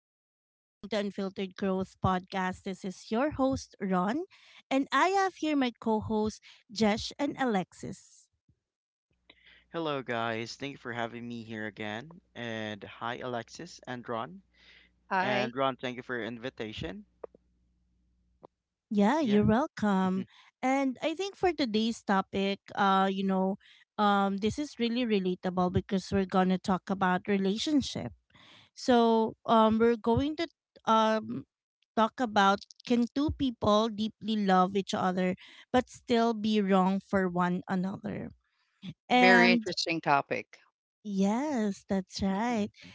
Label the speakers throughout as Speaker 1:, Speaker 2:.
Speaker 1: Everyone. Welcome to Unfiltered Growth Podcast. This is your host, Ron, and I have here my co hosts, Jesh and Alexis.
Speaker 2: Hello, guys. Thank you for having me here again. And hi, Alexis and Ron.
Speaker 3: Hi.
Speaker 2: And Ron, thank you for your invitation.
Speaker 1: Yeah, you're
Speaker 2: Yeah.
Speaker 1: welcome. And I think for today's topic, this is really relatable because we're going to talk about relationship. We're going to um, talk about, can two people deeply love each other but still be wrong for one another?
Speaker 3: Very
Speaker 1: And
Speaker 3: interesting topic.
Speaker 1: yes, that's
Speaker 3: Mhm.
Speaker 1: right.
Speaker 2: Mhm,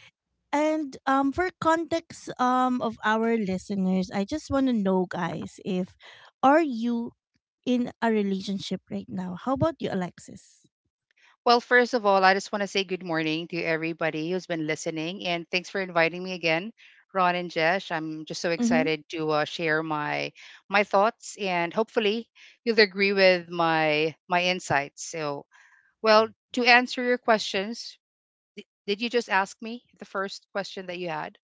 Speaker 1: And for context of our listeners, I just want to know, guys, if are you in a relationship right now? How about you, Alexis?
Speaker 3: Well, first of all, I just want to say good morning to everybody who's been listening, and thanks for inviting me again, Ron and Jesh. I'm just so
Speaker 1: Mhm.
Speaker 3: excited to share my thoughts, and hopefully you'll agree with my insights. So, well,
Speaker 2: mhm,
Speaker 3: to answer your questions, did you just ask me the first question that you had?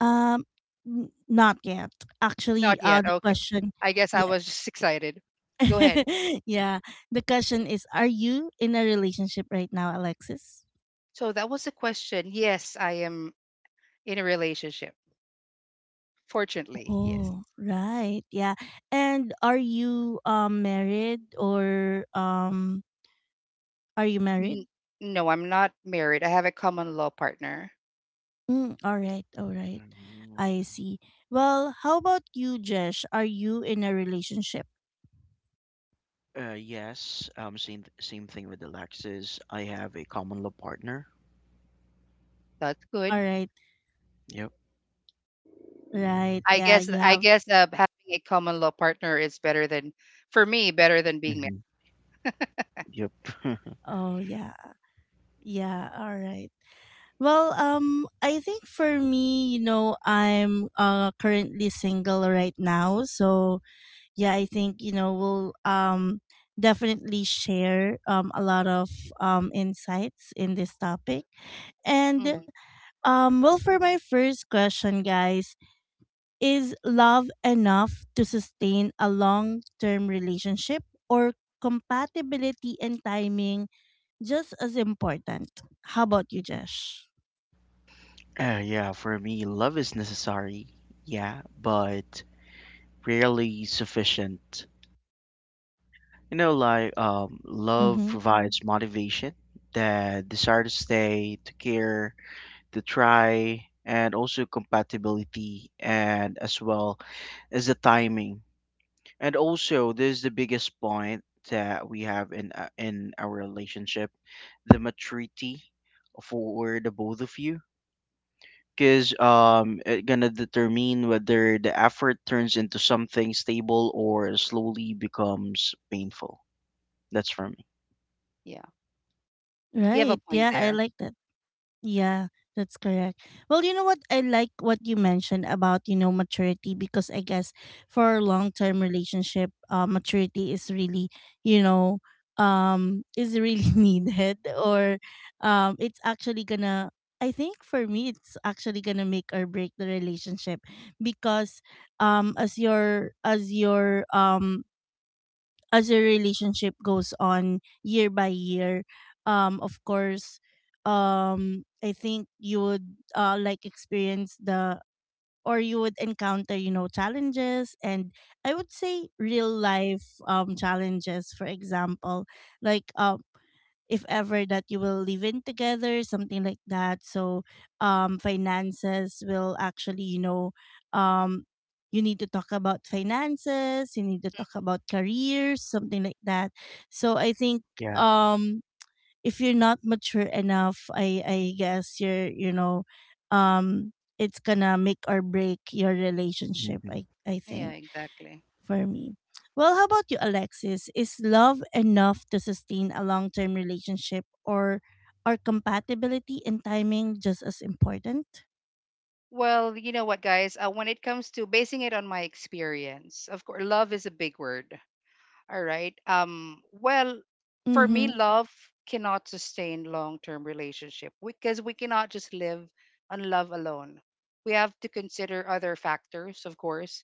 Speaker 1: Um Not yet. Actually,
Speaker 3: Not yet.
Speaker 1: the
Speaker 3: Okay.
Speaker 1: question,
Speaker 3: I guess I
Speaker 1: yeah.
Speaker 3: was just excited. Go ahead.
Speaker 1: Yeah. The question is, are you in a relationship right now, Alexis?
Speaker 3: So that was the question. Yes, I am in a relationship. Fortunately, yes.
Speaker 1: Oh, right. Yeah. And are you married or are you married?
Speaker 3: N- no, I'm not married. I have a common law partner.
Speaker 1: Mm, all right, all right. I
Speaker 2: mhm.
Speaker 1: see. Well, how about you, Jesh? Are you in a relationship?
Speaker 2: Yes. Same. Same thing with Alexis. I have a common law partner.
Speaker 3: That's good.
Speaker 1: All right,
Speaker 2: Yep.
Speaker 1: right.
Speaker 3: I
Speaker 1: Yeah,
Speaker 3: guess
Speaker 1: you
Speaker 3: I
Speaker 1: have.
Speaker 3: guess having a common law partner is better than, for me, better than being married.
Speaker 2: hmm Yep.
Speaker 1: Oh, yeah, yeah. All right. I think for me, you know, I'm currently single right now, so yeah, I think you know we'll definitely share a lot of insights in this topic, and
Speaker 3: hmm
Speaker 1: well, for my first question, guys. Is love enough to sustain a long term relationship, or compatibility and timing just as important? How about you, Jesh?
Speaker 2: Yeah. For me, love is necessary. Yeah, but rarely sufficient. You know, love
Speaker 1: Mm-hmm.
Speaker 2: provides motivation, the desire to stay, to care to try, and also compatibility, and as well as the timing. And also this is the biggest point that we have in our relationship, the maturity for the both of you, because it gonna determine whether the effort turns into something stable or slowly becomes painful. That's for me.
Speaker 3: Yeah, you have a
Speaker 1: Right.
Speaker 3: point
Speaker 1: Yeah, I
Speaker 3: there.
Speaker 1: like that. Yeah, that's correct. Well, you know what? I like what you mentioned about, you know, maturity, because I guess for a long-term relationship, maturity is really, you know, is really needed or it's actually gonna, I think for me, it's actually gonna make or break the relationship because um, as your, as your, um, as your relationship goes on year by year, of course, I think you would like experience the or you would encounter, you know, challenges, and I would say real life challenges. For example, like um if ever that you will live in together, something like that. So finances will actually, you know, um you need to talk about finances, you need to talk about careers, something like that. So I think
Speaker 2: Yeah.
Speaker 1: um if you're not mature enough, i guess you're, you know, um it's gonna make or break your relationship,
Speaker 2: Mm-hmm.
Speaker 1: i
Speaker 3: Yeah,
Speaker 1: think
Speaker 3: exactly.
Speaker 1: for me. Well, how about you, Alexis? Is love enough to sustain a long term relationship, or are compatibility and timing just as important?
Speaker 3: Well, you know what, guys? When it comes to basing it on my experience, of course, love is a big word. All right. Well, for me,
Speaker 1: Mm-hmm.
Speaker 3: love cannot sustain long-term relationship because we cannot just live on love alone. We have to consider other factors, of course.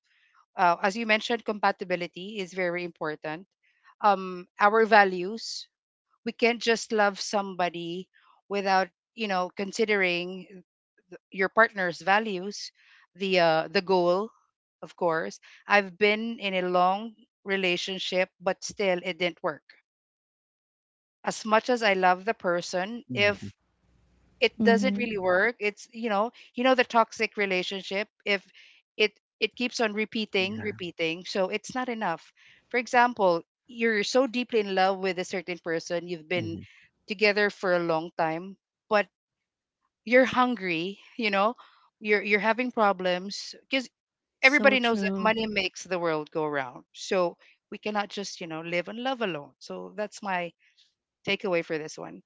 Speaker 3: As you mentioned, compatibility is very important. Our values. We can't just love somebody without, you know, considering your partner's values, the goal, of course. I've been in a long relationship, but still it didn't work. As much as I love the person, if
Speaker 2: Mm-hmm.
Speaker 3: it doesn't
Speaker 1: Mm-hmm.
Speaker 3: really work, it's, you know the toxic relationship. If it it keeps on repeating,
Speaker 2: Yeah.
Speaker 3: repeating, so it's not enough. For example, you're so deeply in love with a certain person, you've been
Speaker 2: Mm-hmm.
Speaker 3: together for a long time, but you're hungry, you know, you're having problems because
Speaker 1: So
Speaker 3: everybody knows that
Speaker 1: true.
Speaker 3: money makes the world go round. So we cannot just, you know, live and love alone. So that's my takeaway for this one.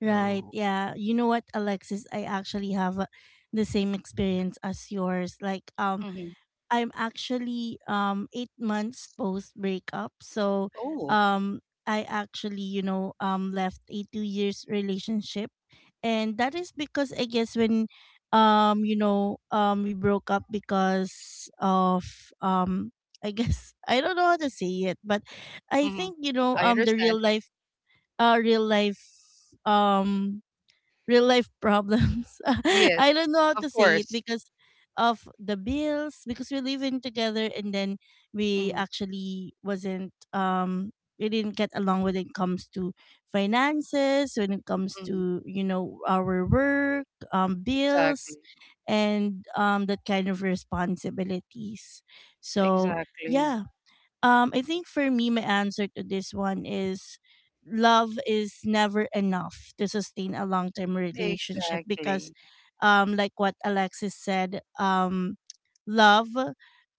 Speaker 1: Right.
Speaker 2: Oh,
Speaker 1: Yeah. You know what, Alexis? I actually have the same experience as yours.
Speaker 3: hmm
Speaker 1: I'm actually 8 months post breakup. So
Speaker 3: Oh,
Speaker 1: um I actually, you know, left a 2 years relationship. And that is because I guess when we broke up because of um I guess I don't know how to say it, but I
Speaker 3: hmm
Speaker 1: think, you know,
Speaker 3: I
Speaker 1: the
Speaker 3: understand.
Speaker 1: real life uh real life um real life problems.
Speaker 3: Yes,
Speaker 1: I don't know how
Speaker 3: of
Speaker 1: to say it
Speaker 3: course.
Speaker 1: because of the bills, because we're living together, and then we
Speaker 3: hmm
Speaker 1: actually wasn't we didn't get along when it comes to finances, when it comes
Speaker 3: hmm
Speaker 1: to, you know, our work, bills,
Speaker 3: Exactly.
Speaker 1: and that kind of responsibilities. So
Speaker 3: Exactly.
Speaker 1: yeah, I think for me, my answer to this one is love is never enough to sustain a long term relationship because,
Speaker 3: Exactly.
Speaker 1: like what Alexis said, love,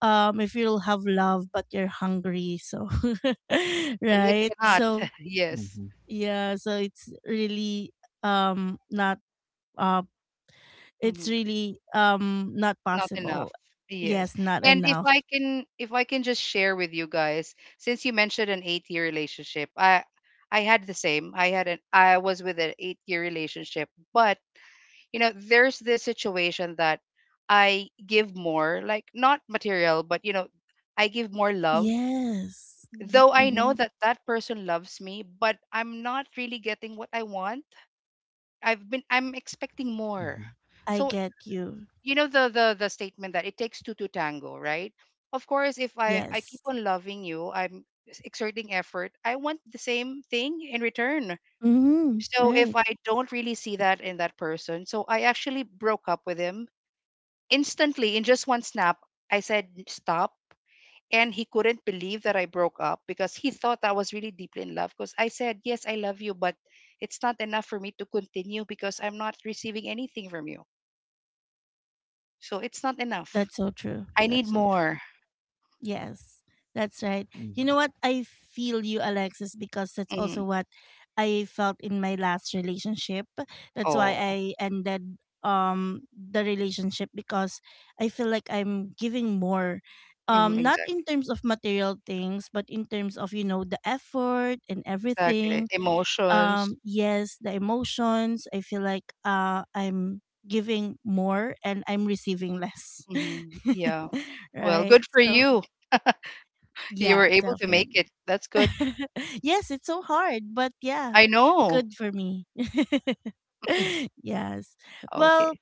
Speaker 1: if you'll have love but you're hungry, so
Speaker 3: Well, it
Speaker 1: right,
Speaker 3: cannot.
Speaker 1: so
Speaker 3: Yes.
Speaker 2: mm-hmm.
Speaker 1: yeah, so it's really not uh it's
Speaker 3: Mm-hmm.
Speaker 1: really not
Speaker 3: Not enough.
Speaker 1: possible.
Speaker 3: Yes.
Speaker 1: Yes, not
Speaker 3: And if
Speaker 1: enough.
Speaker 3: i can if i can just share with you guys, since you mentioned an 8-year relationship, I had the same I had an I was with an 8-year relationship, but you know there's this situation that I give more, like not material, but you know, I give more love.
Speaker 1: Yes.
Speaker 3: Though I know
Speaker 1: Mm-hmm.
Speaker 3: that that person loves me, but I'm not really getting what I want. I'm expecting more,
Speaker 2: Mm-hmm.
Speaker 1: I
Speaker 3: so
Speaker 1: get you.
Speaker 3: you know the the statement that it takes two to tango, right? Of course, if I keep
Speaker 1: Yes.
Speaker 3: on loving you, I'm exerting effort. I want the same thing in return.
Speaker 1: Mm-hmm.
Speaker 3: So if
Speaker 1: Right.
Speaker 3: I don't really see that in that person, so I actually broke up with him instantly in just one snap. I said stop, and he couldn't believe that I broke up because he thought I was really deeply in love. Because I said yes, I love you, but it's not enough for me to continue because I'm not receiving anything from you. So it's not enough.
Speaker 1: That's so true.
Speaker 3: I need
Speaker 1: That's so true.
Speaker 3: more.
Speaker 1: Yes. That's right. You
Speaker 2: Mm-hmm.
Speaker 1: know what? I feel you, Alexis, because that's
Speaker 3: Mhm.
Speaker 1: also what I felt in my last relationship. That's why
Speaker 3: Oh,
Speaker 1: I ended the relationship because I feel like I'm giving more.
Speaker 3: mhm,
Speaker 1: Not
Speaker 3: exact,
Speaker 1: in terms of material things, but in terms of, you know, the effort and everything.
Speaker 3: exactly. Emotions.
Speaker 1: Yes, the emotions, I feel like I'm giving more and I'm receiving less.
Speaker 3: Yeah. Well,
Speaker 1: Right,
Speaker 3: good for
Speaker 1: so
Speaker 3: you. You
Speaker 1: yeah,
Speaker 3: were able to make
Speaker 1: definitely.
Speaker 3: it. That's good.
Speaker 1: Yes, it's so hard, but yeah,
Speaker 3: I know.
Speaker 1: good for me. Yes.
Speaker 3: Okay.
Speaker 1: Well,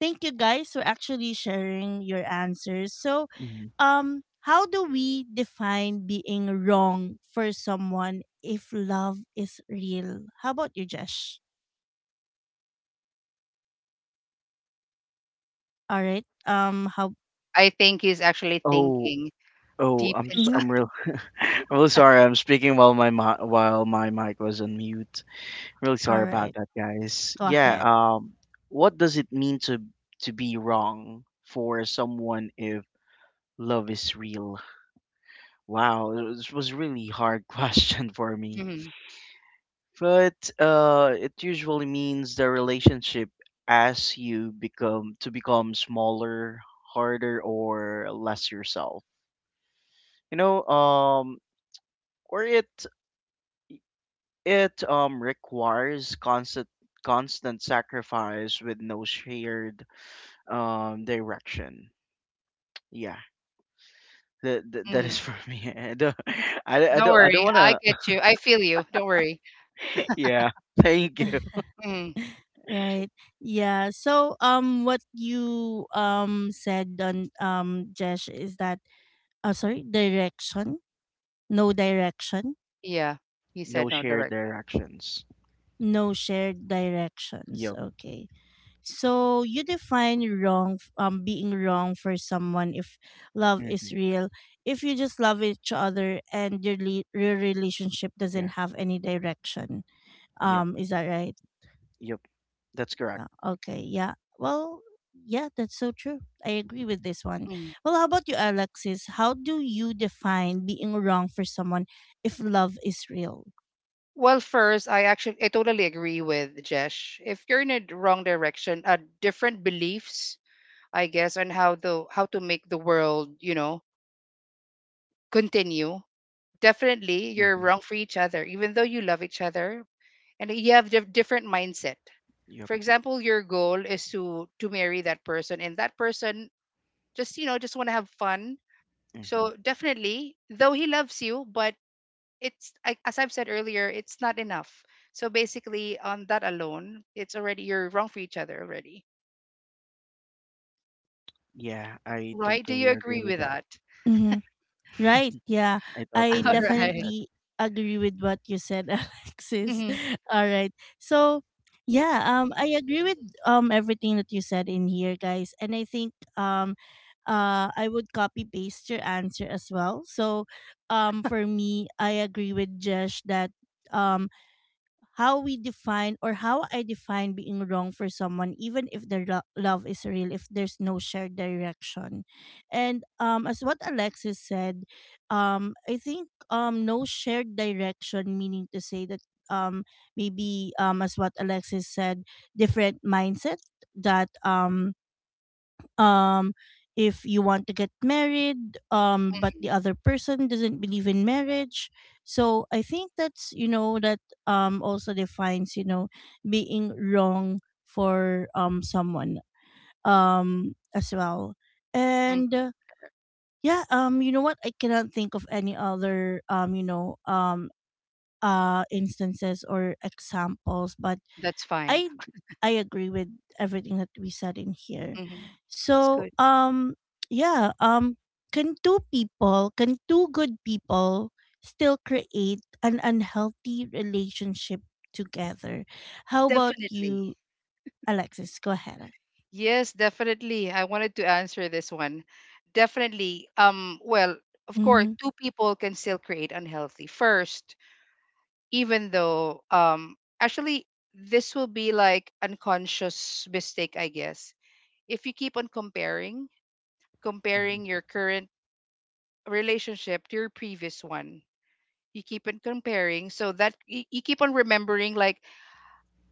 Speaker 1: thank you guys for actually sharing your answers. So
Speaker 2: Mm-hmm.
Speaker 1: how do we define being wrong for someone if love is real? How about you, Jesh? All right. How
Speaker 3: I think he's actually
Speaker 2: Oh,
Speaker 3: thinking
Speaker 2: Oh,
Speaker 3: deep
Speaker 2: I'm s
Speaker 1: Mm-hmm.
Speaker 3: inside.
Speaker 2: am real I'm really sorry. I'm speaking while my mi while my mic was on mute. Really
Speaker 1: All
Speaker 2: sorry about
Speaker 1: right.
Speaker 2: that, guys.
Speaker 1: Go
Speaker 2: Yeah,
Speaker 1: ahead.
Speaker 2: what does it mean to be wrong for someone if love is real? Wow, this was really hard question for me.
Speaker 3: hmm
Speaker 2: But it usually means the relationship as you become to become smaller, harder, or less yourself. You know, or it requires constant sacrifice with no shared direction. Yeah, that
Speaker 3: hmm
Speaker 2: is for me.
Speaker 3: Don't
Speaker 2: I don't
Speaker 3: worry. I
Speaker 2: wanna.
Speaker 3: get you. I feel you. Don't worry.
Speaker 2: Yeah, thank you.
Speaker 3: hmm
Speaker 1: Right. Yeah. So what you said on Jesh is that sorry, direction. No direction.
Speaker 3: Yeah. He
Speaker 2: No
Speaker 3: said no
Speaker 2: shared
Speaker 3: direction.
Speaker 2: directions.
Speaker 1: No shared directions.
Speaker 2: Yep.
Speaker 1: Okay. So you define being wrong for someone if love is
Speaker 2: hmm
Speaker 1: real. If you just love each other and your relationship
Speaker 2: Yeah.
Speaker 1: doesn't have any direction.
Speaker 2: Yep.
Speaker 1: Um, is that right?
Speaker 2: Yep. That's correct.
Speaker 1: Yeah, okay, yeah. Well, yeah, that's so true. I agree with this one.
Speaker 3: Mm.
Speaker 1: Well, how about you, Alexis? How do you define being wrong for someone if love is real?
Speaker 3: Well, first, I totally agree with Jesh. If you're in a wrong direction, different beliefs, I guess, on how the how to make the world, you know, continue. Definitely, you're
Speaker 2: Hmm
Speaker 3: wrong for each other, even though you love each other and you have different mindset.
Speaker 2: Yep.
Speaker 3: For example, your goal is to marry that person, and that person just, you know, just want to have fun.
Speaker 2: hmm
Speaker 3: So definitely, though he loves you, but as I've said earlier, it's not enough. So basically, on that alone, it's already you're wrong for each other already,
Speaker 2: Yeah, I
Speaker 3: right? Do you
Speaker 2: totally agree
Speaker 3: agree
Speaker 2: with
Speaker 3: with
Speaker 2: that.
Speaker 3: that?
Speaker 1: Right. Yeah.
Speaker 2: I
Speaker 1: I
Speaker 3: All
Speaker 2: totally agree with
Speaker 3: right.
Speaker 2: that.
Speaker 1: definitely agree with what you said, Alexis.
Speaker 3: Mhm.
Speaker 1: All right. So, yeah, I agree with everything that you said in here, guys. And I think um I would copy paste your answer as well. So, for me, I agree with Jesh that um how we define or how I define being wrong for someone, even if love is real, if there's no shared direction. And as what Alexis said, I think no shared direction, meaning to say that um, maybe as what Alexis said, different mindset, that um if you want to get married but the other person doesn't believe in marriage. So I think that's, you know, that also defines, you know, being wrong for someone as well. And
Speaker 3: Mhm.
Speaker 1: yeah, you know what, I cannot think of any other instances or examples, but
Speaker 3: That's fine.
Speaker 1: I I agree with everything that we said in here.
Speaker 3: hmm That's good.
Speaker 1: So yeah, can two people, can two good people still create an unhealthy relationship together? How about
Speaker 3: Definitely.
Speaker 1: you, Alexis? Go ahead.
Speaker 3: Yes, definitely. I wanted to answer this one. Definitely. Well, of course,
Speaker 1: Mm-hmm.
Speaker 3: two people can still create unhealthy first, even though actually this will be like unconscious mistake, I guess. If you keep on comparing,
Speaker 2: Hmm
Speaker 3: comparing your current relationship to your previous one, you keep on comparing so that you keep on remembering, like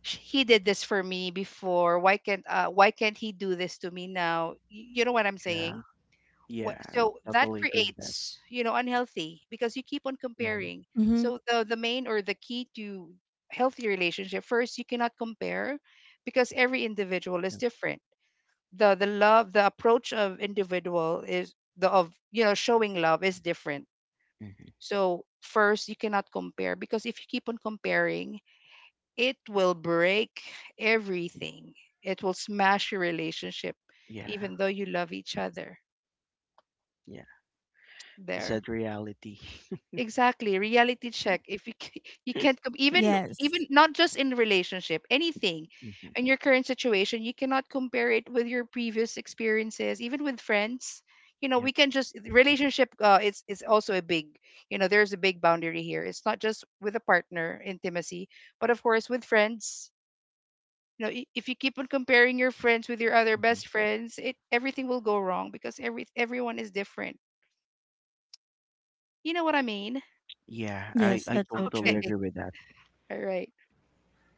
Speaker 3: he did this for me before, why can't he do this to me now? You know what I'm
Speaker 2: Yeah.
Speaker 3: saying?
Speaker 2: Yeah, I
Speaker 3: So that
Speaker 2: totally agree with that.
Speaker 3: creates, you know, unhealthy because you keep on
Speaker 2: Hmm
Speaker 3: comparing.
Speaker 1: Mm-hmm.
Speaker 3: So the main or the key to healthy relationship, first, you cannot compare because every individual is
Speaker 2: Yep.
Speaker 3: different. The love, the approach of individual is the, of, you know, showing love is different.
Speaker 2: hmm
Speaker 3: So first, you cannot compare, because if you keep on comparing, it will break everything. It will smash your relationship,
Speaker 2: Yeah.
Speaker 3: even though you love each other.
Speaker 2: Yeah. The
Speaker 3: There,
Speaker 2: sad reality.
Speaker 3: exactly. Reality check. If you you can't com- even,
Speaker 1: Yes.
Speaker 3: even not just in relationship, anything,
Speaker 2: Mhm.
Speaker 3: in your current situation, you cannot compare it with your previous experiences, even with friends. You know, we
Speaker 2: Yep.
Speaker 3: can just relationship. It's also a big. You know, there's a big boundary here. It's not just with a partner intimacy, but of course with friends, you know, if you keep on comparing your friends with your other
Speaker 2: Mhm.
Speaker 3: best friends, it, everything will go wrong, because everyone is different. You know what I mean?
Speaker 2: Yeah,
Speaker 1: Yes,
Speaker 2: I
Speaker 1: that's so
Speaker 2: totally
Speaker 1: true.
Speaker 3: Okay.
Speaker 2: agree with that.
Speaker 3: All right.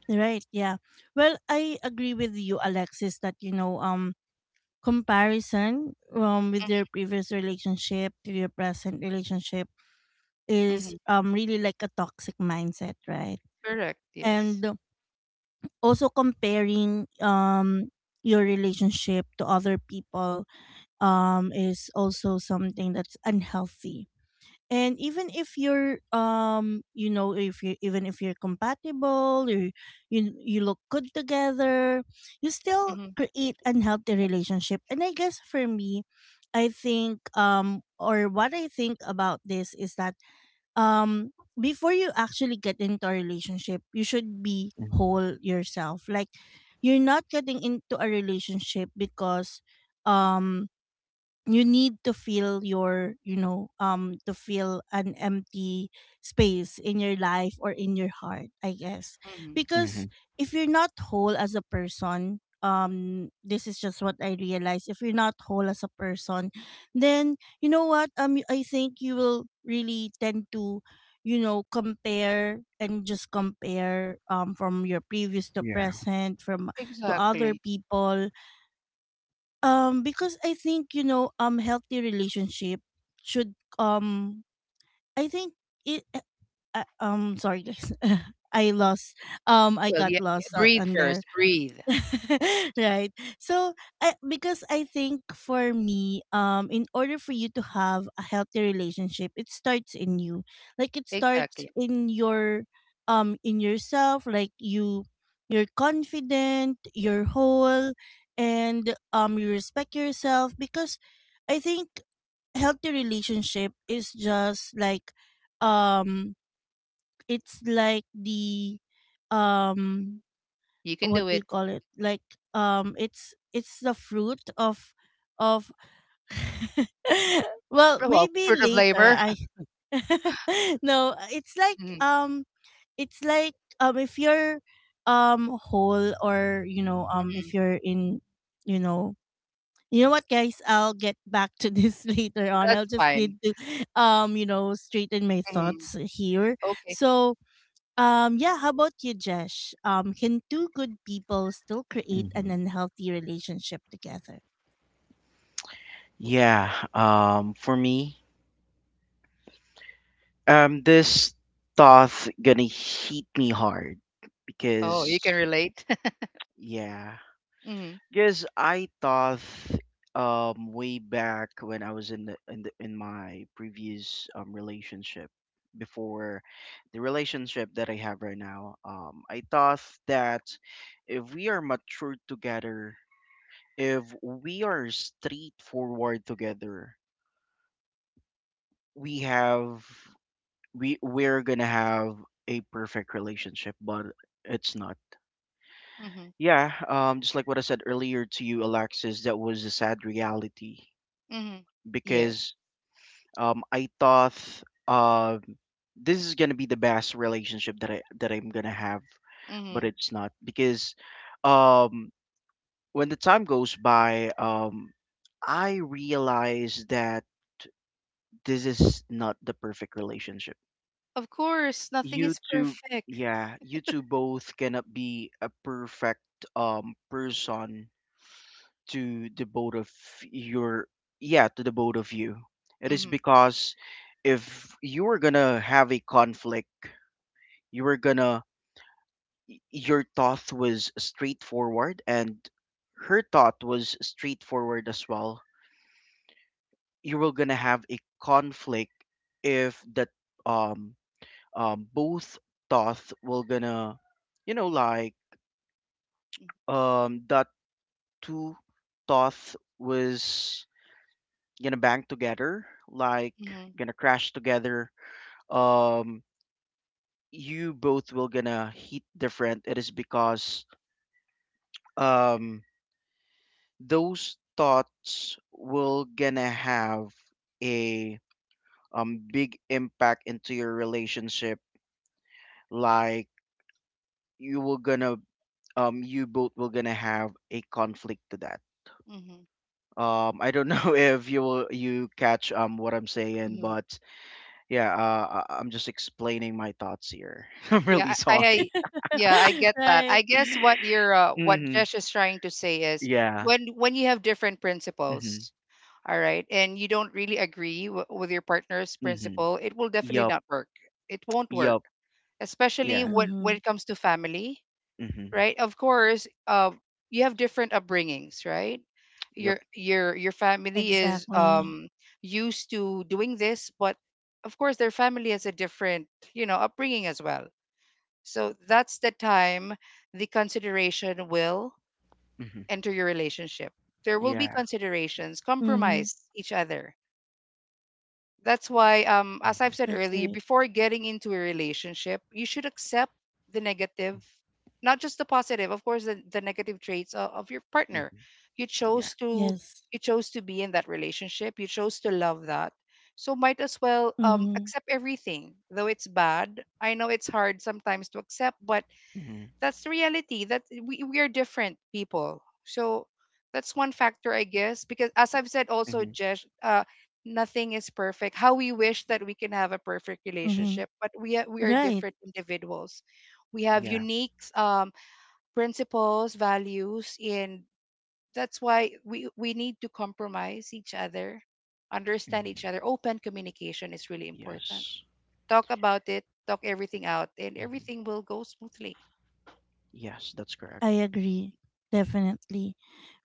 Speaker 1: Right, yeah. Well, I agree with you, Alexis, that, you know, comparison with your previous relationship to your present relationship is
Speaker 3: Mm-hmm.
Speaker 1: really like a toxic mindset, right?
Speaker 3: Correct. Yes.
Speaker 1: And also comparing your relationship to other people is also something that's unhealthy. And even if you're, you know, if you even if you're compatible, you look good together, you still
Speaker 3: Mm-hmm.
Speaker 1: create unhealthy relationship. And I guess for me, I think or what I think about this is that um before you actually get into a relationship, you should be
Speaker 2: Hmm
Speaker 1: whole yourself. Like you're not getting into a relationship because um you need to feel your, you know, to feel an empty space in your life or in your heart, I guess,
Speaker 3: Mm-hmm.
Speaker 2: hmm
Speaker 1: because if you're not whole as a person, this is just what I realized, if you're not whole as a person, then you know what, I think you will really tend to, you know, compare and just compare from your previous to
Speaker 2: Yeah.
Speaker 1: present, from to other
Speaker 3: Exactly.
Speaker 1: people, because I think, you know, healthy relationship should I think it. Sorry guys, I lost. I
Speaker 3: Well,
Speaker 1: got
Speaker 3: yeah, yeah,
Speaker 1: lost
Speaker 3: breathe
Speaker 1: on there.
Speaker 3: first. Breathe.
Speaker 1: Right, so I, because I think for me, in order for you to have a healthy relationship, it starts in you, like it starts
Speaker 3: Exactly.
Speaker 1: in your in yourself, like you, you're confident, you're whole, and you respect yourself. Because I think healthy relationship is just like um it's like the um
Speaker 3: You can
Speaker 1: what
Speaker 3: do
Speaker 1: do you
Speaker 3: it.
Speaker 1: call it, like it's the fruit of well,
Speaker 3: Well,
Speaker 1: maybe
Speaker 3: fruit of
Speaker 1: later
Speaker 3: labor.
Speaker 1: I no, it's like
Speaker 3: Mhm.
Speaker 1: it's like if you're whole, or you know
Speaker 3: Mhm.
Speaker 1: if you're in, you know, you know what, guys, I'll get back to this later on,
Speaker 3: That's
Speaker 1: I'll just
Speaker 3: fine.
Speaker 1: need to you know, straighten my
Speaker 3: Mhm.
Speaker 1: thoughts here.
Speaker 3: Okay.
Speaker 1: So yeah, how about you, Jesh? Can two good people still create an
Speaker 2: hmm
Speaker 1: unhealthy relationship together?
Speaker 2: Yeah. For me, this thought gonna hit me hard
Speaker 3: Oh, you can
Speaker 2: because
Speaker 3: relate.
Speaker 2: yeah,
Speaker 3: Mm-hmm.
Speaker 2: because I thought way back when I was in the in the in my previous relationship, before the relationship that I have right now, I thought that if we are mature together, if we are straightforward together, we have we we're gonna have a perfect relationship, but it's not.
Speaker 3: Mm-hmm.
Speaker 2: Yeah, just like what I said earlier to you, Alexis, that was a sad reality,
Speaker 3: Mm-hmm. Yes.
Speaker 2: because I thought uh, this is gonna be the best relationship that I'm gonna have, but
Speaker 3: Mm-hmm.
Speaker 2: it's not because um, when the time goes by, I realize that this is not the perfect relationship.
Speaker 3: Of course, nothing
Speaker 2: You
Speaker 3: is
Speaker 2: two,
Speaker 3: perfect.
Speaker 2: yeah, you two both cannot be a perfect person to the both of your yeah, to the both of you. It is
Speaker 3: Mm-hmm.
Speaker 2: because if you were gonna have a conflict, you were gonna, your thought was straightforward and her thought was straightforward as well, you were gonna have a conflict. If that um both thought were gonna, you know, like that two thought was gonna bang together, like
Speaker 3: Mm-hmm.
Speaker 2: gonna crash together. Um, you both will gonna hit different. It is because um those thoughts will gonna have a big impact into your relationship. Like you will gonna you both will gonna have a conflict to that.
Speaker 3: Mm-hmm.
Speaker 2: I don't know if you will you catch what I'm saying,
Speaker 3: Mhm.
Speaker 2: but yeah, I'm just explaining my thoughts here. I'm really
Speaker 3: Yeah,
Speaker 2: sorry.
Speaker 3: yeah, I get that.
Speaker 1: Right.
Speaker 3: I guess what you're, what
Speaker 2: Hmm
Speaker 3: Jesh is trying to say is
Speaker 2: Yeah.
Speaker 3: when you have different
Speaker 2: hmm
Speaker 3: principles, all right, and you don't really agree w with your partner's
Speaker 2: hmm
Speaker 3: principle, it will definitely
Speaker 2: Yup.
Speaker 3: not work. It won't work,
Speaker 2: Yup.
Speaker 3: especially
Speaker 2: Yeah.
Speaker 3: when
Speaker 1: Mm-hmm.
Speaker 3: it comes to family,
Speaker 2: hmm
Speaker 3: right? Of course, you have different upbringings, right?
Speaker 2: Yup.
Speaker 3: Your family is
Speaker 1: Exactly.
Speaker 3: used to doing this, but of course their family has a different, you know, upbringing as well. So that's the time the consideration will
Speaker 2: hmm
Speaker 3: enter your relationship. There will be
Speaker 2: Yeah.
Speaker 3: considerations,
Speaker 1: Mm-hmm.
Speaker 3: compromise each other. That's why, as I've
Speaker 2: hmm
Speaker 3: said
Speaker 1: That's
Speaker 3: earlier,
Speaker 1: right.
Speaker 3: before getting into a relationship, you should accept the negative, not just the positive, of course, the negative traits of your partner.
Speaker 2: hmm
Speaker 3: You
Speaker 2: Yeah.
Speaker 3: chose to
Speaker 1: Yes.
Speaker 3: you chose to be in that relationship. You chose to love that. So might as well
Speaker 1: Mm-hmm.
Speaker 3: accept everything, though it's bad. I know it's hard sometimes to accept, but
Speaker 2: hmm
Speaker 3: that's the reality, that we are different people. So that's one factor, I guess, because as I've said also,
Speaker 2: hmm
Speaker 3: Jesh, nothing is perfect. How we wish that we can have a perfect
Speaker 1: Mm-hmm.
Speaker 3: relationship, but we are
Speaker 1: Right.
Speaker 3: different individuals. We have
Speaker 2: Yeah.
Speaker 3: unique principles, values, and that's why we need to compromise each other, understand
Speaker 2: hmm
Speaker 3: each other. Open communication is really important.
Speaker 2: Yes.
Speaker 3: Talk about it, talk everything out, and everything
Speaker 2: hmm
Speaker 3: will go smoothly.
Speaker 2: Yes, that's correct.
Speaker 1: I agree. Definitely.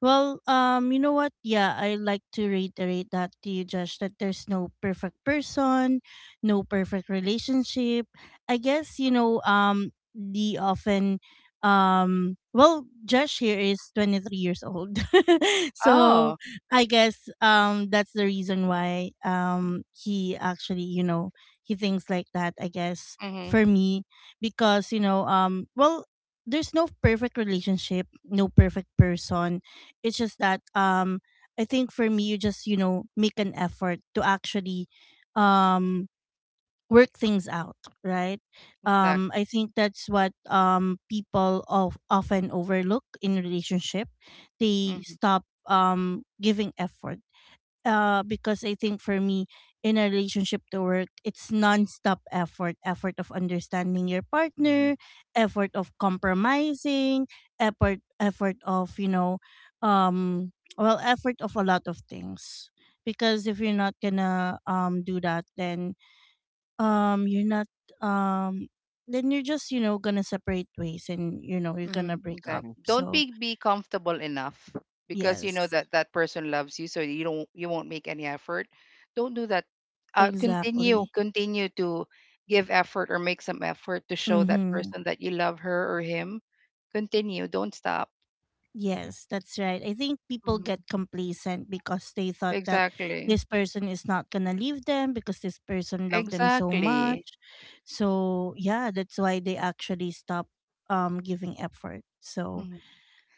Speaker 1: Well, you know what? Yeah, I like to reiterate that to you, Josh, that there's no perfect person, no perfect relationship. I guess, you know, the often well, Josh here is 23 years old. So
Speaker 3: Oh,
Speaker 1: I guess that's the reason why he actually, you know, he thinks like that, I guess,
Speaker 3: mhm.
Speaker 1: for me. Because, you know, well, there's no perfect relationship, no perfect person. It's just that I think for me you just, you know, make an effort to actually um work things out, right? Um,
Speaker 3: Exactly.
Speaker 1: I think that's what people of often overlook in relationship. They
Speaker 3: Mm-hmm.
Speaker 1: stop giving effort because I think for me, in a relationship to work, it's nonstop effort of understanding your
Speaker 2: Hmm
Speaker 1: partner, effort of compromising, effort of um effort of a lot of things. Because if you're not gonna do that, then you're not um then you're just, gonna separate ways, and you're gonna
Speaker 3: Mm-hmm.
Speaker 1: break up.
Speaker 2: hmm
Speaker 3: Exactly. Don't
Speaker 1: So
Speaker 3: be comfortable enough because you know
Speaker 1: yes,
Speaker 3: that that person loves you, so you don't, you won't make any effort. Don't do that. Continue,
Speaker 1: exactly,
Speaker 3: continue to give effort, or make some effort to show that
Speaker 1: mhm.
Speaker 3: person that you love her or him. Continue. Don't stop.
Speaker 2: hmm
Speaker 1: Yes, that's right. I think people get
Speaker 3: hmm
Speaker 1: complacent because they thought that
Speaker 3: Exactly.
Speaker 1: this person is not going to leave them because this person loved them so much.
Speaker 3: Exactly.
Speaker 1: So, yeah, that's why they actually stop giving effort. So,
Speaker 3: Mm-hmm.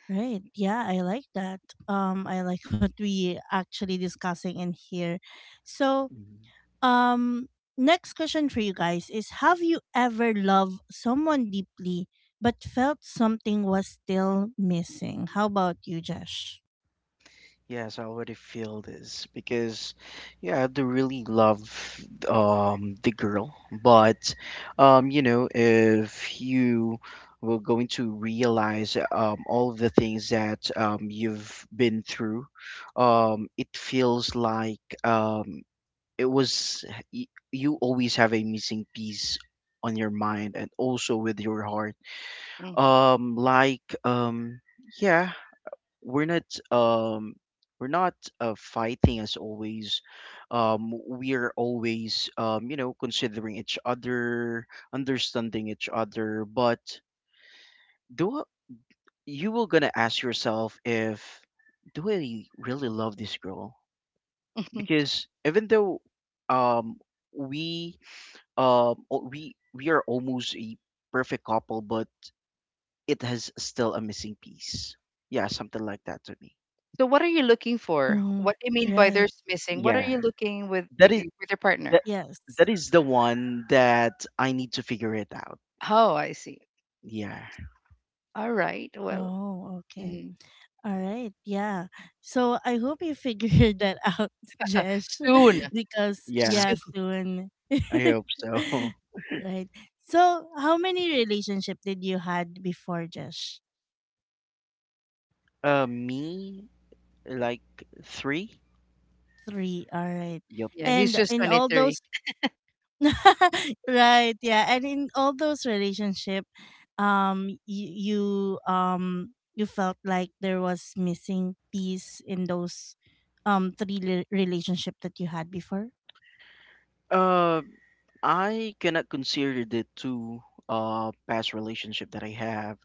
Speaker 1: right. Yeah, I like that. I like what we actually discussing in here. So,
Speaker 2: hmm
Speaker 1: um, next question for you guys is, have you ever loved someone deeply but felt something was still missing? How about you, Josh?
Speaker 2: Yes, I already feel this because, yeah, I do really love the girl, but you know, if you were going to realize all of the things that you've been through, it feels like um it was you always have a missing piece on your mind and also with your heart, um like um yeah, we're not um we're not fighting as always. We are always, you know, considering each other, understanding each other, but do I- you will gonna ask yourself, if do I really love this girl, because even though um we we are almost a perfect couple, but it has still a missing piece. Yeah, something like that to me.
Speaker 3: So, what are you looking for?
Speaker 1: Mm-hmm.
Speaker 3: What do you mean by
Speaker 1: Right.
Speaker 3: there's missing? What are
Speaker 2: Yeah,
Speaker 3: you looking with
Speaker 2: that
Speaker 3: with,
Speaker 2: is
Speaker 3: you, with your partner?
Speaker 2: that
Speaker 1: Yes.
Speaker 2: that is the one that I need to figure it out.
Speaker 3: Oh, I see.
Speaker 2: Yeah,
Speaker 3: All right. Well,
Speaker 1: Oh, okay.
Speaker 3: mhm.
Speaker 1: All right, yeah. So I hope you figured that out, Jesh,
Speaker 3: Soon.
Speaker 1: because
Speaker 2: yeah,
Speaker 1: yeah,
Speaker 3: Soon.
Speaker 1: soon.
Speaker 2: I hope so.
Speaker 1: Right. So how many relationship did you had before, Jesh?
Speaker 2: Me, like three.
Speaker 1: Three. All right.
Speaker 2: Yep.
Speaker 3: Yeah, he's
Speaker 1: And
Speaker 3: just
Speaker 1: in all
Speaker 3: 23.
Speaker 1: those, right? Yeah, and in all those relationship, um, you, you um, you felt like there was missing piece in those three relationship that you had before.
Speaker 2: Uh, I cannot consider the two past relationship that I have.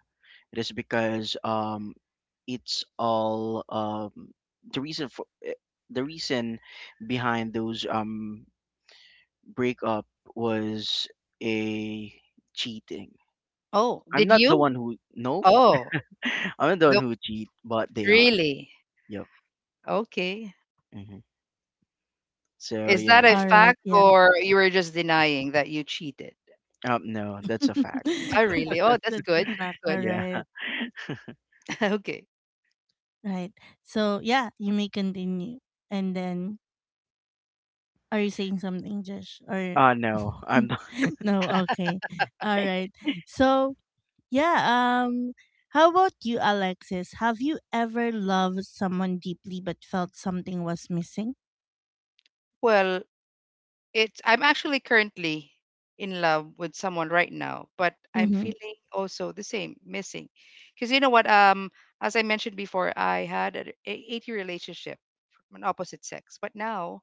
Speaker 2: It is because it's all the reason the reason behind those breakup was a cheating.
Speaker 3: Oh,
Speaker 2: I'm
Speaker 3: did
Speaker 2: not the
Speaker 3: you?
Speaker 2: one who, no.
Speaker 3: Oh,
Speaker 2: I'm the one
Speaker 3: no,
Speaker 2: who cheat, but they are.
Speaker 3: really?
Speaker 2: Yep.
Speaker 3: Okay.
Speaker 2: hmm So
Speaker 3: Is that
Speaker 2: yeah.
Speaker 3: a
Speaker 1: All right,
Speaker 3: fact,
Speaker 1: yeah.
Speaker 3: or you were just denying that you cheated?
Speaker 2: No, that's a fact.
Speaker 3: I really. Oh, that's
Speaker 1: That's a
Speaker 3: good. That's
Speaker 1: fact.
Speaker 3: good.
Speaker 1: All
Speaker 2: Yeah.
Speaker 1: right.
Speaker 3: Okay.
Speaker 1: Right. So yeah, you may continue. And then, are you saying something, Josh? Or
Speaker 2: Uh, no, I'm not.
Speaker 1: no, okay. All right. So yeah, um how about you, Alexis? Have you ever loved someone deeply but felt something was missing?
Speaker 3: Well, it's, I'm actually currently in love with someone right now, but I'm
Speaker 1: Mm-hmm.
Speaker 3: feeling also the same, missing. Because you know what? As I mentioned before, I had an eight-year relationship from an opposite sex, but now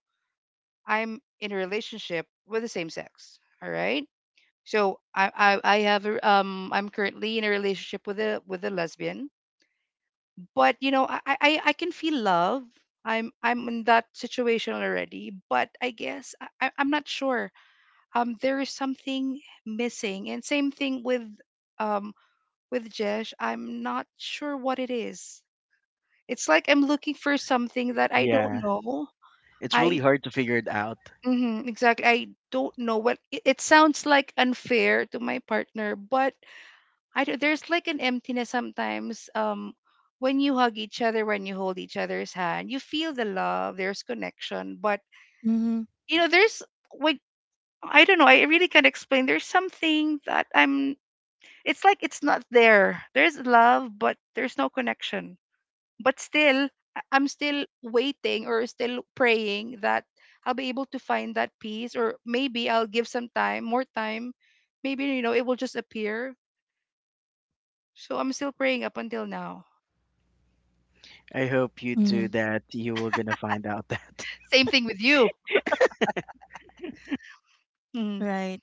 Speaker 3: I'm in a relationship with the same sex. All right. So I have I'm currently in a relationship with a lesbian, but you know I can feel love. I'm in that situation already, but I guess I'm not sure. There is something missing, and same thing um with Jesh. I'm not sure what it is. It's like I'm looking for something that I don't
Speaker 2: Yeah,
Speaker 3: know.
Speaker 2: it's really
Speaker 3: I
Speaker 2: hard to figure it out.
Speaker 3: mm-hmm, exactly. I don't know what it sounds like unfair to my partner, but I do, there's like an emptiness sometimes. When you hug each other, when you hold each other's hand, you feel the love. There's connection, but
Speaker 1: Mm-hmm.
Speaker 3: there's like, I don't know. I really can't explain. There's something that I'm. It's like it's not there. There's love, but there's no connection, but still I'm still waiting or still praying that I'll be able to find that peace, or maybe I'll give some time more time. Maybe it will just appear, so I'm still praying up until now.
Speaker 2: I hope you
Speaker 1: Mm-hmm.
Speaker 2: too that you were gonna find out that.
Speaker 3: Same thing with you. mm,
Speaker 1: Right.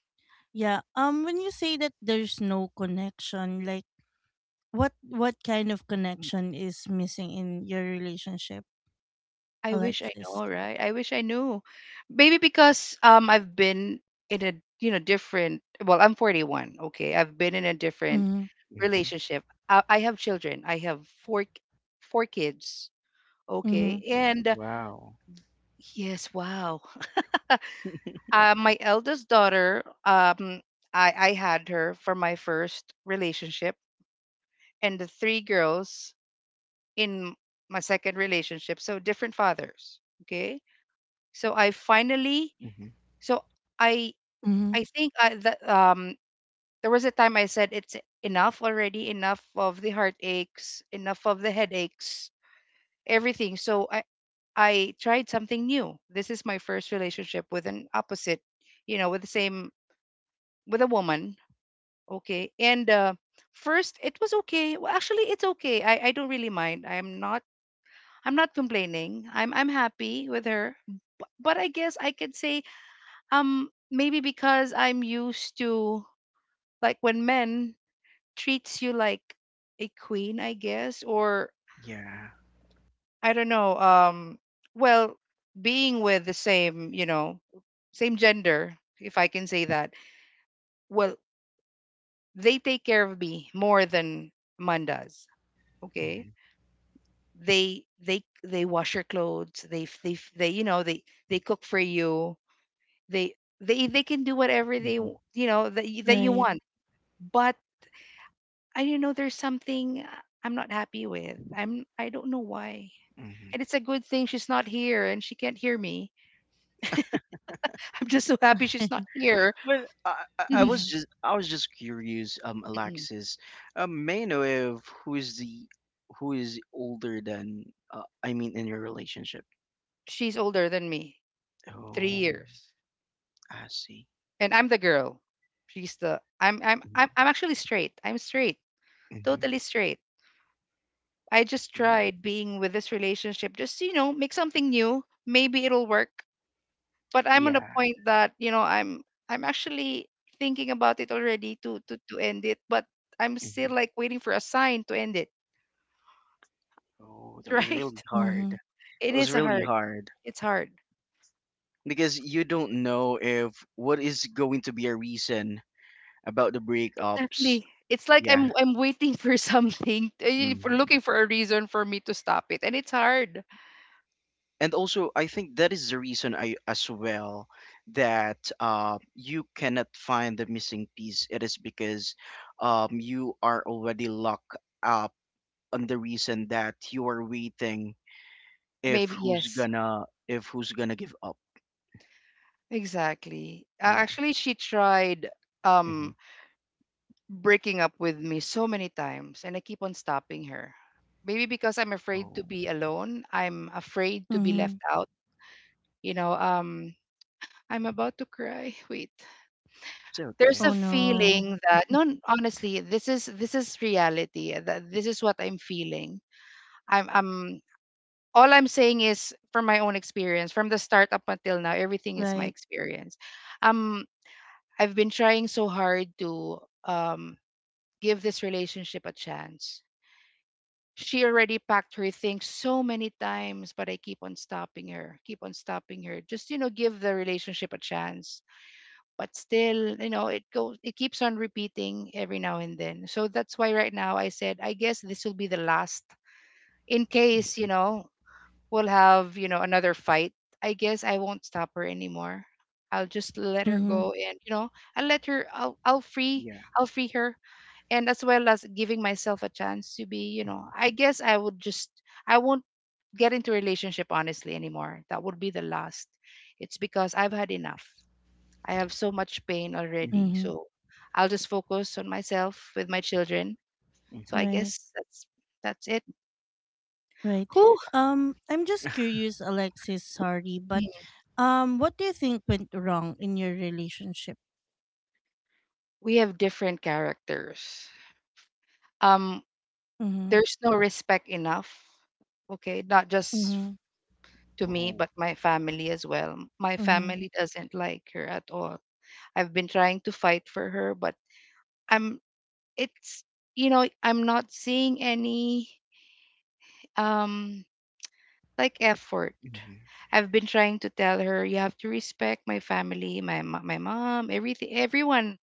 Speaker 1: Yeah. When you say that there's no connection, like, what kind of connection is missing in your relationship,
Speaker 3: I wish I
Speaker 1: Alexis?
Speaker 3: know, right? I wish I knew. Maybe because I've been in a you know different well I'm 41. Okay, I've been in a different
Speaker 1: Mhm.
Speaker 2: hmm
Speaker 3: relationship I have children. I have four k- four kids, okay.
Speaker 1: Mhm.
Speaker 3: And
Speaker 2: Wow.
Speaker 3: yes, wow. My eldest daughter, I had her for my first relationship, and the three girls in my second relationship, so different fathers. Okay, so
Speaker 2: hmm
Speaker 3: so I,
Speaker 1: Mhm.
Speaker 3: I think I, that there was a time I said it's enough already, enough of the heartaches, enough of the headaches, everything. I tried something new. This is my first relationship with an opposite you know with the same with a woman. Okay. And first, it was okay. Well, actually, it's okay. I don't really mind. I'm not complaining. I'm happy with her. But I guess I could say, maybe because I'm used to, like, when men treats you like a queen, I guess, or
Speaker 2: Yeah.
Speaker 3: I don't know. Well, being with the same, you know, same gender, if I can say that. Well, they take care of me more than man does. Okay.
Speaker 2: hmm
Speaker 1: Mhm.
Speaker 3: They wash your clothes, they cook for you. They they they can do whatever they
Speaker 2: hmm
Speaker 3: w- you know that that you
Speaker 1: Right.
Speaker 3: want. But I don't know, there's something I'm not happy with. I don't know why.
Speaker 2: hmm
Speaker 3: And it's a good thing she's not here and she can't hear me. I'm just so happy she's not here.
Speaker 2: But
Speaker 1: Yeah.
Speaker 2: I was just curious, Alexis, may I know if who is the, who is older than, I mean, in your relationship?
Speaker 3: She's older than me three
Speaker 2: Oh,
Speaker 3: years,
Speaker 2: I see.
Speaker 3: and I'm the girl. She's the I'm actually straight. I'm straight
Speaker 2: Mm-hmm.
Speaker 3: Totally straight. I just
Speaker 2: Wow.
Speaker 3: tried being with this relationship. Just, you know, make something new. Maybe it'll work. But I'm on the
Speaker 2: Yeah.
Speaker 3: point that, you know, I'm actually thinking about it already to end it, but I'm still
Speaker 2: hmm
Speaker 3: like waiting for a sign to end it.
Speaker 2: Oh, that was really
Speaker 3: Right?
Speaker 2: hard.
Speaker 1: Mhm.
Speaker 2: It
Speaker 3: It
Speaker 2: was
Speaker 3: is
Speaker 2: really
Speaker 3: hard.
Speaker 2: hard
Speaker 3: It's hard.
Speaker 2: because you don't know if what is going to be a reason about the breakups.
Speaker 3: Exactly. It's like
Speaker 2: Yeah.
Speaker 3: I'm waiting for something, for
Speaker 2: hmm
Speaker 3: looking for a reason for me to stop it, and it's hard.
Speaker 2: And also, I think that is the reason I as well that you cannot find the missing piece. It is because you are already locked up on the reason that you are waiting if
Speaker 3: Maybe
Speaker 2: who's
Speaker 3: yes,
Speaker 2: gonna if who's gonna give up.
Speaker 3: exactly.
Speaker 2: Yeah.
Speaker 3: Actually, she tried,
Speaker 2: Mm-hmm.
Speaker 3: um breaking up with me so many times, and I keep on stopping her. Maybe because I'm afraid to
Speaker 2: Oh,
Speaker 3: be alone. I'm afraid to be left
Speaker 1: Mhm.
Speaker 3: out. You know, I'm about to cry. Wait.
Speaker 2: it's
Speaker 3: There's
Speaker 2: okay.
Speaker 1: Oh
Speaker 3: a
Speaker 1: no.
Speaker 3: feeling that no n- honestly, this is reality. That this is what I'm feeling. I'm I'm I'm saying is from my own experience, from the start up until now, everything is my
Speaker 1: Right.
Speaker 3: experience. Um I've been trying so hard to, um give this relationship a chance. She already packed her things so many times, but I keep on stopping her, keep on stopping her. Just, you know, give the relationship a chance. But still, you know, it keeps on repeating every now and then. So that's why right now I said, I guess this will be the last. In case,
Speaker 2: hmm
Speaker 3: you know, we'll have, you know, another fight. I guess I won't stop her anymore. I'll just let her
Speaker 1: Mm-hmm.
Speaker 3: go and, you know, I'll free,
Speaker 2: Yeah.
Speaker 3: I'll free her, and as well as giving myself a chance to be, you know,
Speaker 2: hmm
Speaker 3: I guess I would just, I won't get into relationship honestly anymore. That would be the last. It's because I've had enough. I have so much pain
Speaker 2: hmm
Speaker 3: already,
Speaker 1: Mm-hmm.
Speaker 3: so I'll just focus on myself with my children. So
Speaker 2: hmm
Speaker 3: I
Speaker 1: Right.
Speaker 3: guess that's it.
Speaker 1: Right.
Speaker 3: Who?
Speaker 1: I'm just curious, Alexis. Sorry, but what do you think went wrong in your relationship?
Speaker 3: We have different characters. um
Speaker 1: Mm-hmm.
Speaker 3: there's no respect enough. Okay, not just
Speaker 1: Mm-hmm.
Speaker 3: to me,
Speaker 2: Oh.
Speaker 3: but my family as well. My
Speaker 1: Mm-hmm.
Speaker 3: family doesn't like her at all. I've been trying to fight for her, but I'm it's you know, I'm not seeing any, um like, effort.
Speaker 2: hmm
Speaker 3: I've been trying to tell her you have to respect my family, my mom, everything, everyone.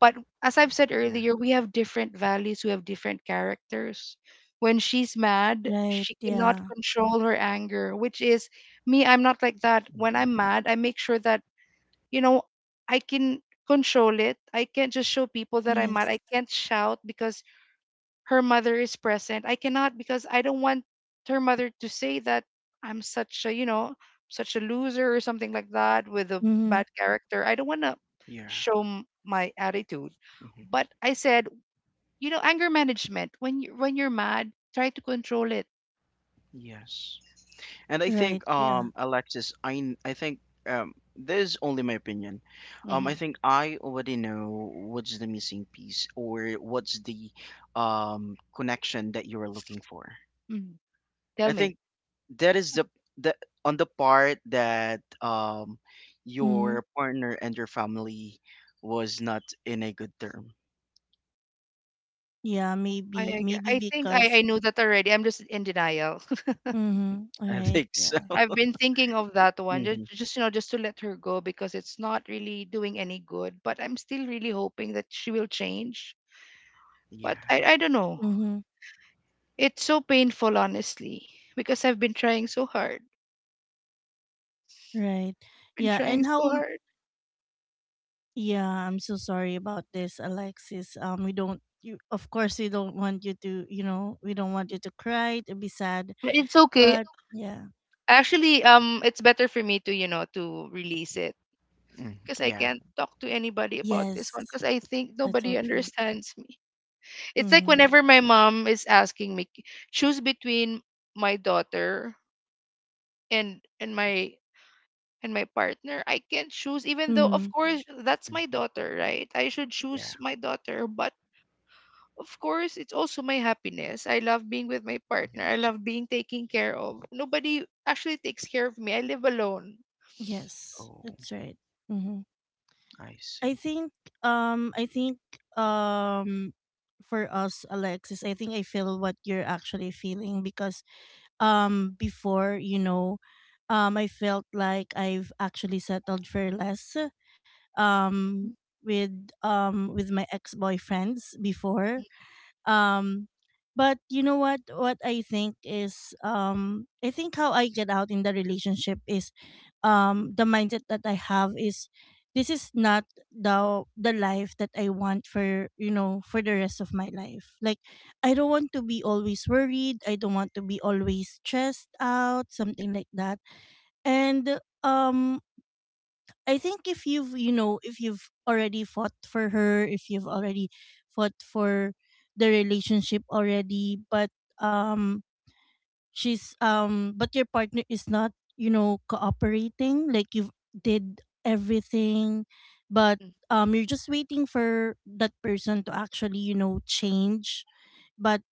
Speaker 3: But as I've said
Speaker 2: Yeah.
Speaker 3: earlier, we have different values, we have different characters. When she's mad,
Speaker 1: Right.
Speaker 3: she cannot
Speaker 1: Yeah.
Speaker 3: control her anger, which is me. I'm not like that. When
Speaker 2: hmm
Speaker 3: I'm mad, I make sure that, you know, I can control it. I can't just show people that I'm mad. I
Speaker 1: Yes.
Speaker 3: can't shout because her mother is present. I cannot because I don't want her mother to say that I'm such a, you know, such a loser or something like that with a
Speaker 1: Mm-hmm.
Speaker 3: bad character. I don't want to
Speaker 2: Yeah.
Speaker 3: show my attitude.
Speaker 2: hmm
Speaker 3: But I said, you know, anger management. When you're mad, try to control it.
Speaker 2: Yes. And I
Speaker 1: Right.
Speaker 2: think,
Speaker 1: Yeah.
Speaker 2: Alexis, I think, this is only my opinion. I
Speaker 3: Hmm.
Speaker 2: think I already know what's the missing piece or what's the connection that you are looking for.
Speaker 3: Hmm. Tell
Speaker 2: I
Speaker 3: me.
Speaker 2: think that is the on the part that
Speaker 1: Mm-hmm.
Speaker 2: your partner and your family was not in a good term.
Speaker 1: Yeah,
Speaker 3: I,
Speaker 1: maybe
Speaker 3: I
Speaker 1: maybe
Speaker 3: I think
Speaker 1: because
Speaker 3: I know that already. I'm just in denial.
Speaker 1: mhm,
Speaker 2: I
Speaker 1: right,
Speaker 2: think so.
Speaker 1: yeah.
Speaker 3: I've been thinking of that one,
Speaker 2: Hmm
Speaker 3: just, you know, just to let her go because it's not really doing any good. But I'm still really hoping that she will change.
Speaker 2: Yeah.
Speaker 3: But I don't know.
Speaker 1: Mhm.
Speaker 3: It's so painful, honestly, because I've been trying so hard.
Speaker 1: Right.
Speaker 3: Been
Speaker 1: Yeah,
Speaker 3: trying
Speaker 1: and
Speaker 3: so
Speaker 1: how,
Speaker 3: hard.
Speaker 1: yeah, I'm so sorry about this, Alexis. We don't you Of course we don't want you to, you know, we don't want you to cry, to be sad,
Speaker 3: But it's okay.
Speaker 1: but yeah.
Speaker 3: Actually, it's better for me to, you know, to release it,
Speaker 2: Mm,
Speaker 3: because I
Speaker 2: yeah.
Speaker 3: can't talk to anybody about this one
Speaker 1: Yes.
Speaker 3: because I think
Speaker 1: That's so
Speaker 3: nobody
Speaker 1: true.
Speaker 3: understands me. It's like
Speaker 1: Mhm.
Speaker 3: whenever my mom is asking me, choose between my daughter and and my and my partner, I can choose, even though, of
Speaker 1: Mhm.
Speaker 3: course, that's my
Speaker 2: Mm,
Speaker 3: daughter, right? I should
Speaker 2: yeah.
Speaker 3: choose my daughter, but of course, it's also my happiness. I love being with my partner. I
Speaker 2: Yes.
Speaker 3: love being taken care of. Nobody actually takes care of me. I live alone.
Speaker 1: Yes.
Speaker 2: Oh,
Speaker 1: That's right. Mhm.
Speaker 2: I
Speaker 1: I
Speaker 2: see.
Speaker 1: think I think um for us Alexis, I think I feel what you're actually feeling because before, I felt like I've actually settled for less um with my ex-boyfriends before, um, but you know what? What I think is, I think how I get out in the relationship is, the mindset that I have is, this is not the life that I want for, you know, for the rest of my life. Like, I don't want to be always worried. I don't want to be always stressed out, something like that. And I think if you've, if you've already fought for her, if you've already fought for the relationship already, but um she's but your partner is not, you know, cooperating, like you've did everything, but
Speaker 3: Mm.
Speaker 1: you're just waiting for that person to actually, you know, change, but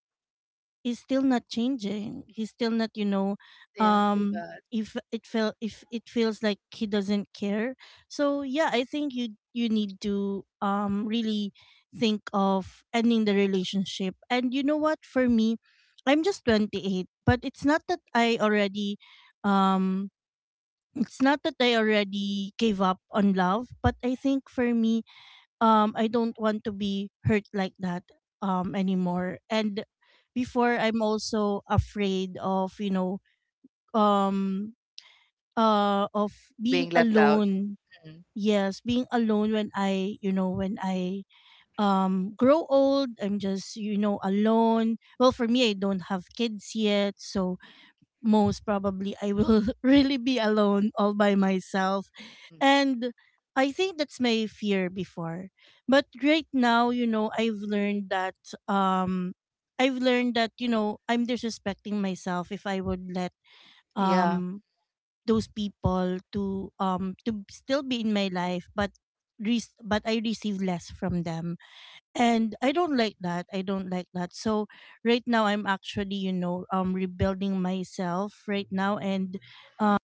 Speaker 1: he's still not changing. He's still not, you know,
Speaker 3: Yeah, too
Speaker 1: um
Speaker 3: bad.
Speaker 1: if it felt, if it feels like he doesn't care. So yeah, I think you you need to really think of ending the relationship. And you know what, for me, I'm just 28, but it's not that I already um it's not that I already gave up on love, but I think for me I don't want to be hurt like that anymore. And before, I'm also afraid of, you know, um of being
Speaker 3: Being left out.
Speaker 1: alone.
Speaker 3: Mm.
Speaker 1: Yes, being alone when I, you know, when I grow old, I'm just, you know, alone. Well, for me I don't have kids yet, so most probably I will really be alone all by myself.
Speaker 3: Mm.
Speaker 1: And I think that's my fear before. But right now, you know, um I've learned that, you know, I'm disrespecting myself if I would let
Speaker 3: Yeah,
Speaker 1: um those people to still be in my life, but but I receive less from them, and I don't like that, I don't like that. So right now I'm actually, you know, rebuilding myself right now, um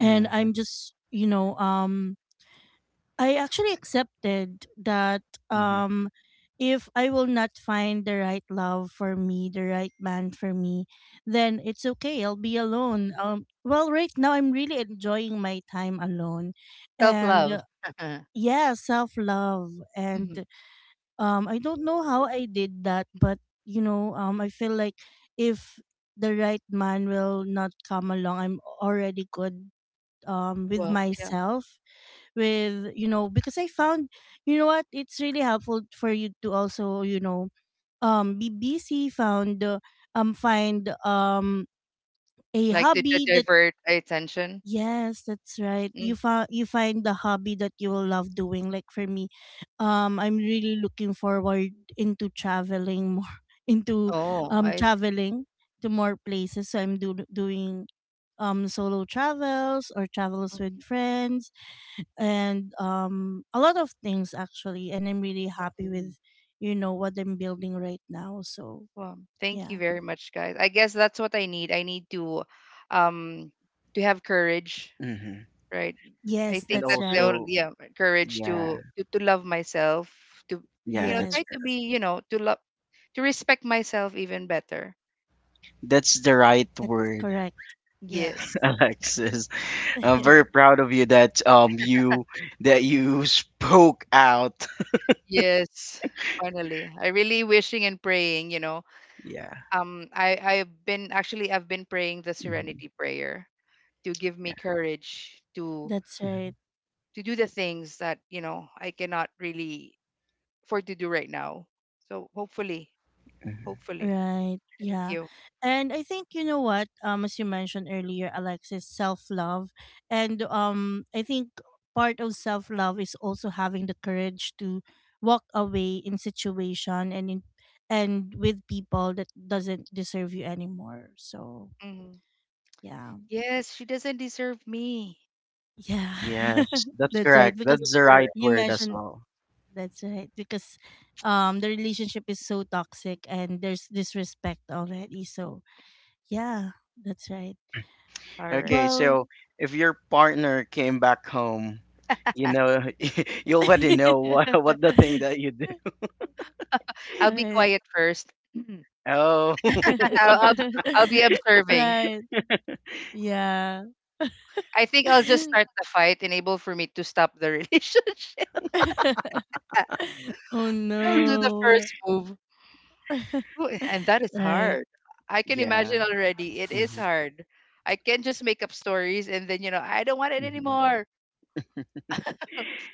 Speaker 1: and
Speaker 2: Mm-hmm.
Speaker 1: I'm just, you know, I actually accepted that
Speaker 2: Mm-hmm.
Speaker 1: um if I will not find the right love for me, the right man for me, then it's okay, I'll be alone. Right now I'm really enjoying my time alone,
Speaker 3: self
Speaker 1: and
Speaker 3: love.
Speaker 1: yeah, self love.
Speaker 3: Mhm.
Speaker 1: And I don't know how I did that, but you know, I feel like if the right man will not come along, I'm already good with
Speaker 3: Well, yeah,
Speaker 1: myself, with, you know, because I found, you know what, it's really helpful for you to also, you know, be busy, found find a
Speaker 3: like, to
Speaker 1: hobby that,
Speaker 3: divert attention.
Speaker 1: yes, that's right.
Speaker 3: Mm.
Speaker 1: You found, you find the hobby that you will love doing. Like for me, I'm really looking forward into traveling more, into
Speaker 3: Oh, I see.
Speaker 1: traveling to more places. So I'm doing solo travels or travels with friends, and a lot of things actually. And I'm really happy
Speaker 3: Mm.
Speaker 1: with, you know, what I'm building right now. So
Speaker 3: Well, thank you
Speaker 1: yeah,
Speaker 3: very much, guys. I guess that's what I need. I need um, to have courage,
Speaker 2: Mm-hmm.
Speaker 3: right? I
Speaker 1: yes,
Speaker 3: think
Speaker 2: And
Speaker 1: that's
Speaker 3: that's the
Speaker 1: right.
Speaker 3: only
Speaker 2: also,
Speaker 3: yeah courage
Speaker 2: yeah,
Speaker 3: to to love myself, to you
Speaker 2: yeah,
Speaker 3: know
Speaker 2: that's
Speaker 1: Yes,
Speaker 3: try to
Speaker 2: correct.
Speaker 3: be you know to love, to respect myself even better.
Speaker 2: That's the right
Speaker 1: that's
Speaker 2: word,
Speaker 1: correct. Yeah,
Speaker 3: Yes,
Speaker 2: Alexis. I'm very proud of you that you that you spoke out.
Speaker 3: yes. Finally, I really wishing and praying. You know,
Speaker 2: Yeah.
Speaker 3: I've been actually I've been praying the
Speaker 2: hmm
Speaker 3: Serenity Prayer to give me courage
Speaker 1: that's
Speaker 2: Mhm,
Speaker 1: right.
Speaker 3: to do the things that you know I cannot really for to do right now. So hopefully,
Speaker 2: mhm.
Speaker 3: hopefully.
Speaker 1: Right.
Speaker 3: Thank
Speaker 1: Yeah.
Speaker 3: you.
Speaker 1: And I think you know what, as you mentioned earlier, Alexis, self-love and I think part of self-love is also having the courage to walk away in situation and in and with people that doesn't deserve you anymore. So,
Speaker 3: Hmm.
Speaker 1: yeah.
Speaker 3: Yes, she doesn't deserve me.
Speaker 1: Yeah.
Speaker 2: Yes, that's
Speaker 1: That's right
Speaker 2: correct.
Speaker 1: because
Speaker 2: That's the
Speaker 3: Super.
Speaker 2: right
Speaker 1: you
Speaker 2: word as
Speaker 1: mentioned,
Speaker 2: well.
Speaker 1: that's right because the relationship is so toxic and there's disrespect already. So, yeah, that's right.
Speaker 3: All right.
Speaker 2: Okay,
Speaker 1: Well,
Speaker 2: so if your partner came back home, you know, you already know what the thing that you did.
Speaker 3: I'll be
Speaker 1: right.
Speaker 3: quiet first. Mhm.
Speaker 2: Oh,
Speaker 3: I'll, I'll I'll be observing.
Speaker 1: Right. Yeah.
Speaker 3: I think I'll just start the fight, enable for me to stop the relationship.
Speaker 1: Oh,
Speaker 3: I'll do the
Speaker 1: no.
Speaker 3: first move. Ooh, and that is
Speaker 1: Right.
Speaker 3: hard. I can
Speaker 2: yeah.
Speaker 3: imagine already. It is
Speaker 2: hmm
Speaker 3: hard. I can not just make up stories and then, you know, I don't want it
Speaker 2: hmm
Speaker 3: anymore.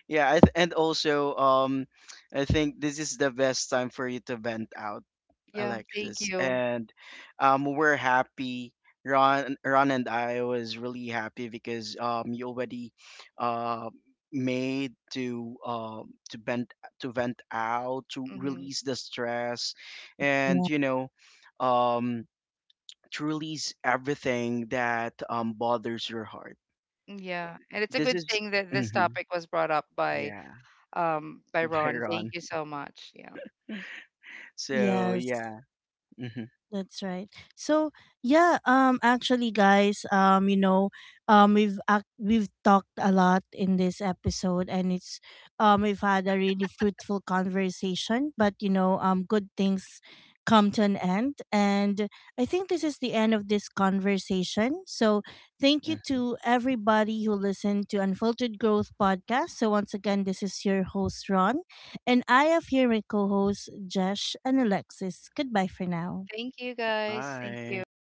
Speaker 2: Yeah, and also I think this is the best time for you to vent out,
Speaker 3: Yeah, thank
Speaker 2: Alexis.
Speaker 3: you.
Speaker 2: And we're happy. Ron and I was really happy because you already uh, made to to vent out, to
Speaker 3: Hmm.
Speaker 2: release the stress,
Speaker 1: Right,
Speaker 2: and
Speaker 1: yeah.
Speaker 2: you know, um, to release everything that bothers your heart.
Speaker 3: Yeah, and it's a
Speaker 2: This
Speaker 3: good
Speaker 2: is.
Speaker 3: thing that this
Speaker 2: Hmm
Speaker 3: topic was brought up
Speaker 2: Yeah,
Speaker 3: by
Speaker 2: by
Speaker 3: Ron. Thank
Speaker 2: Ron.
Speaker 3: you so much. Yeah.
Speaker 2: So
Speaker 1: Yes.
Speaker 2: yeah.
Speaker 1: That's right. So yeah, actually, guys, you know, we've talked a lot in this episode, and it's, we've had a really fruitful conversation. But you know, good things come to an end, and I think this is the end of this conversation. So thank you to everybody who listened to Unfiltered Growth podcast. So once again, this is your host Ron, and I have here my co-hosts Jesh and Alexis. Goodbye for now.
Speaker 3: Thank you guys. Thank
Speaker 2: Bye.
Speaker 3: you.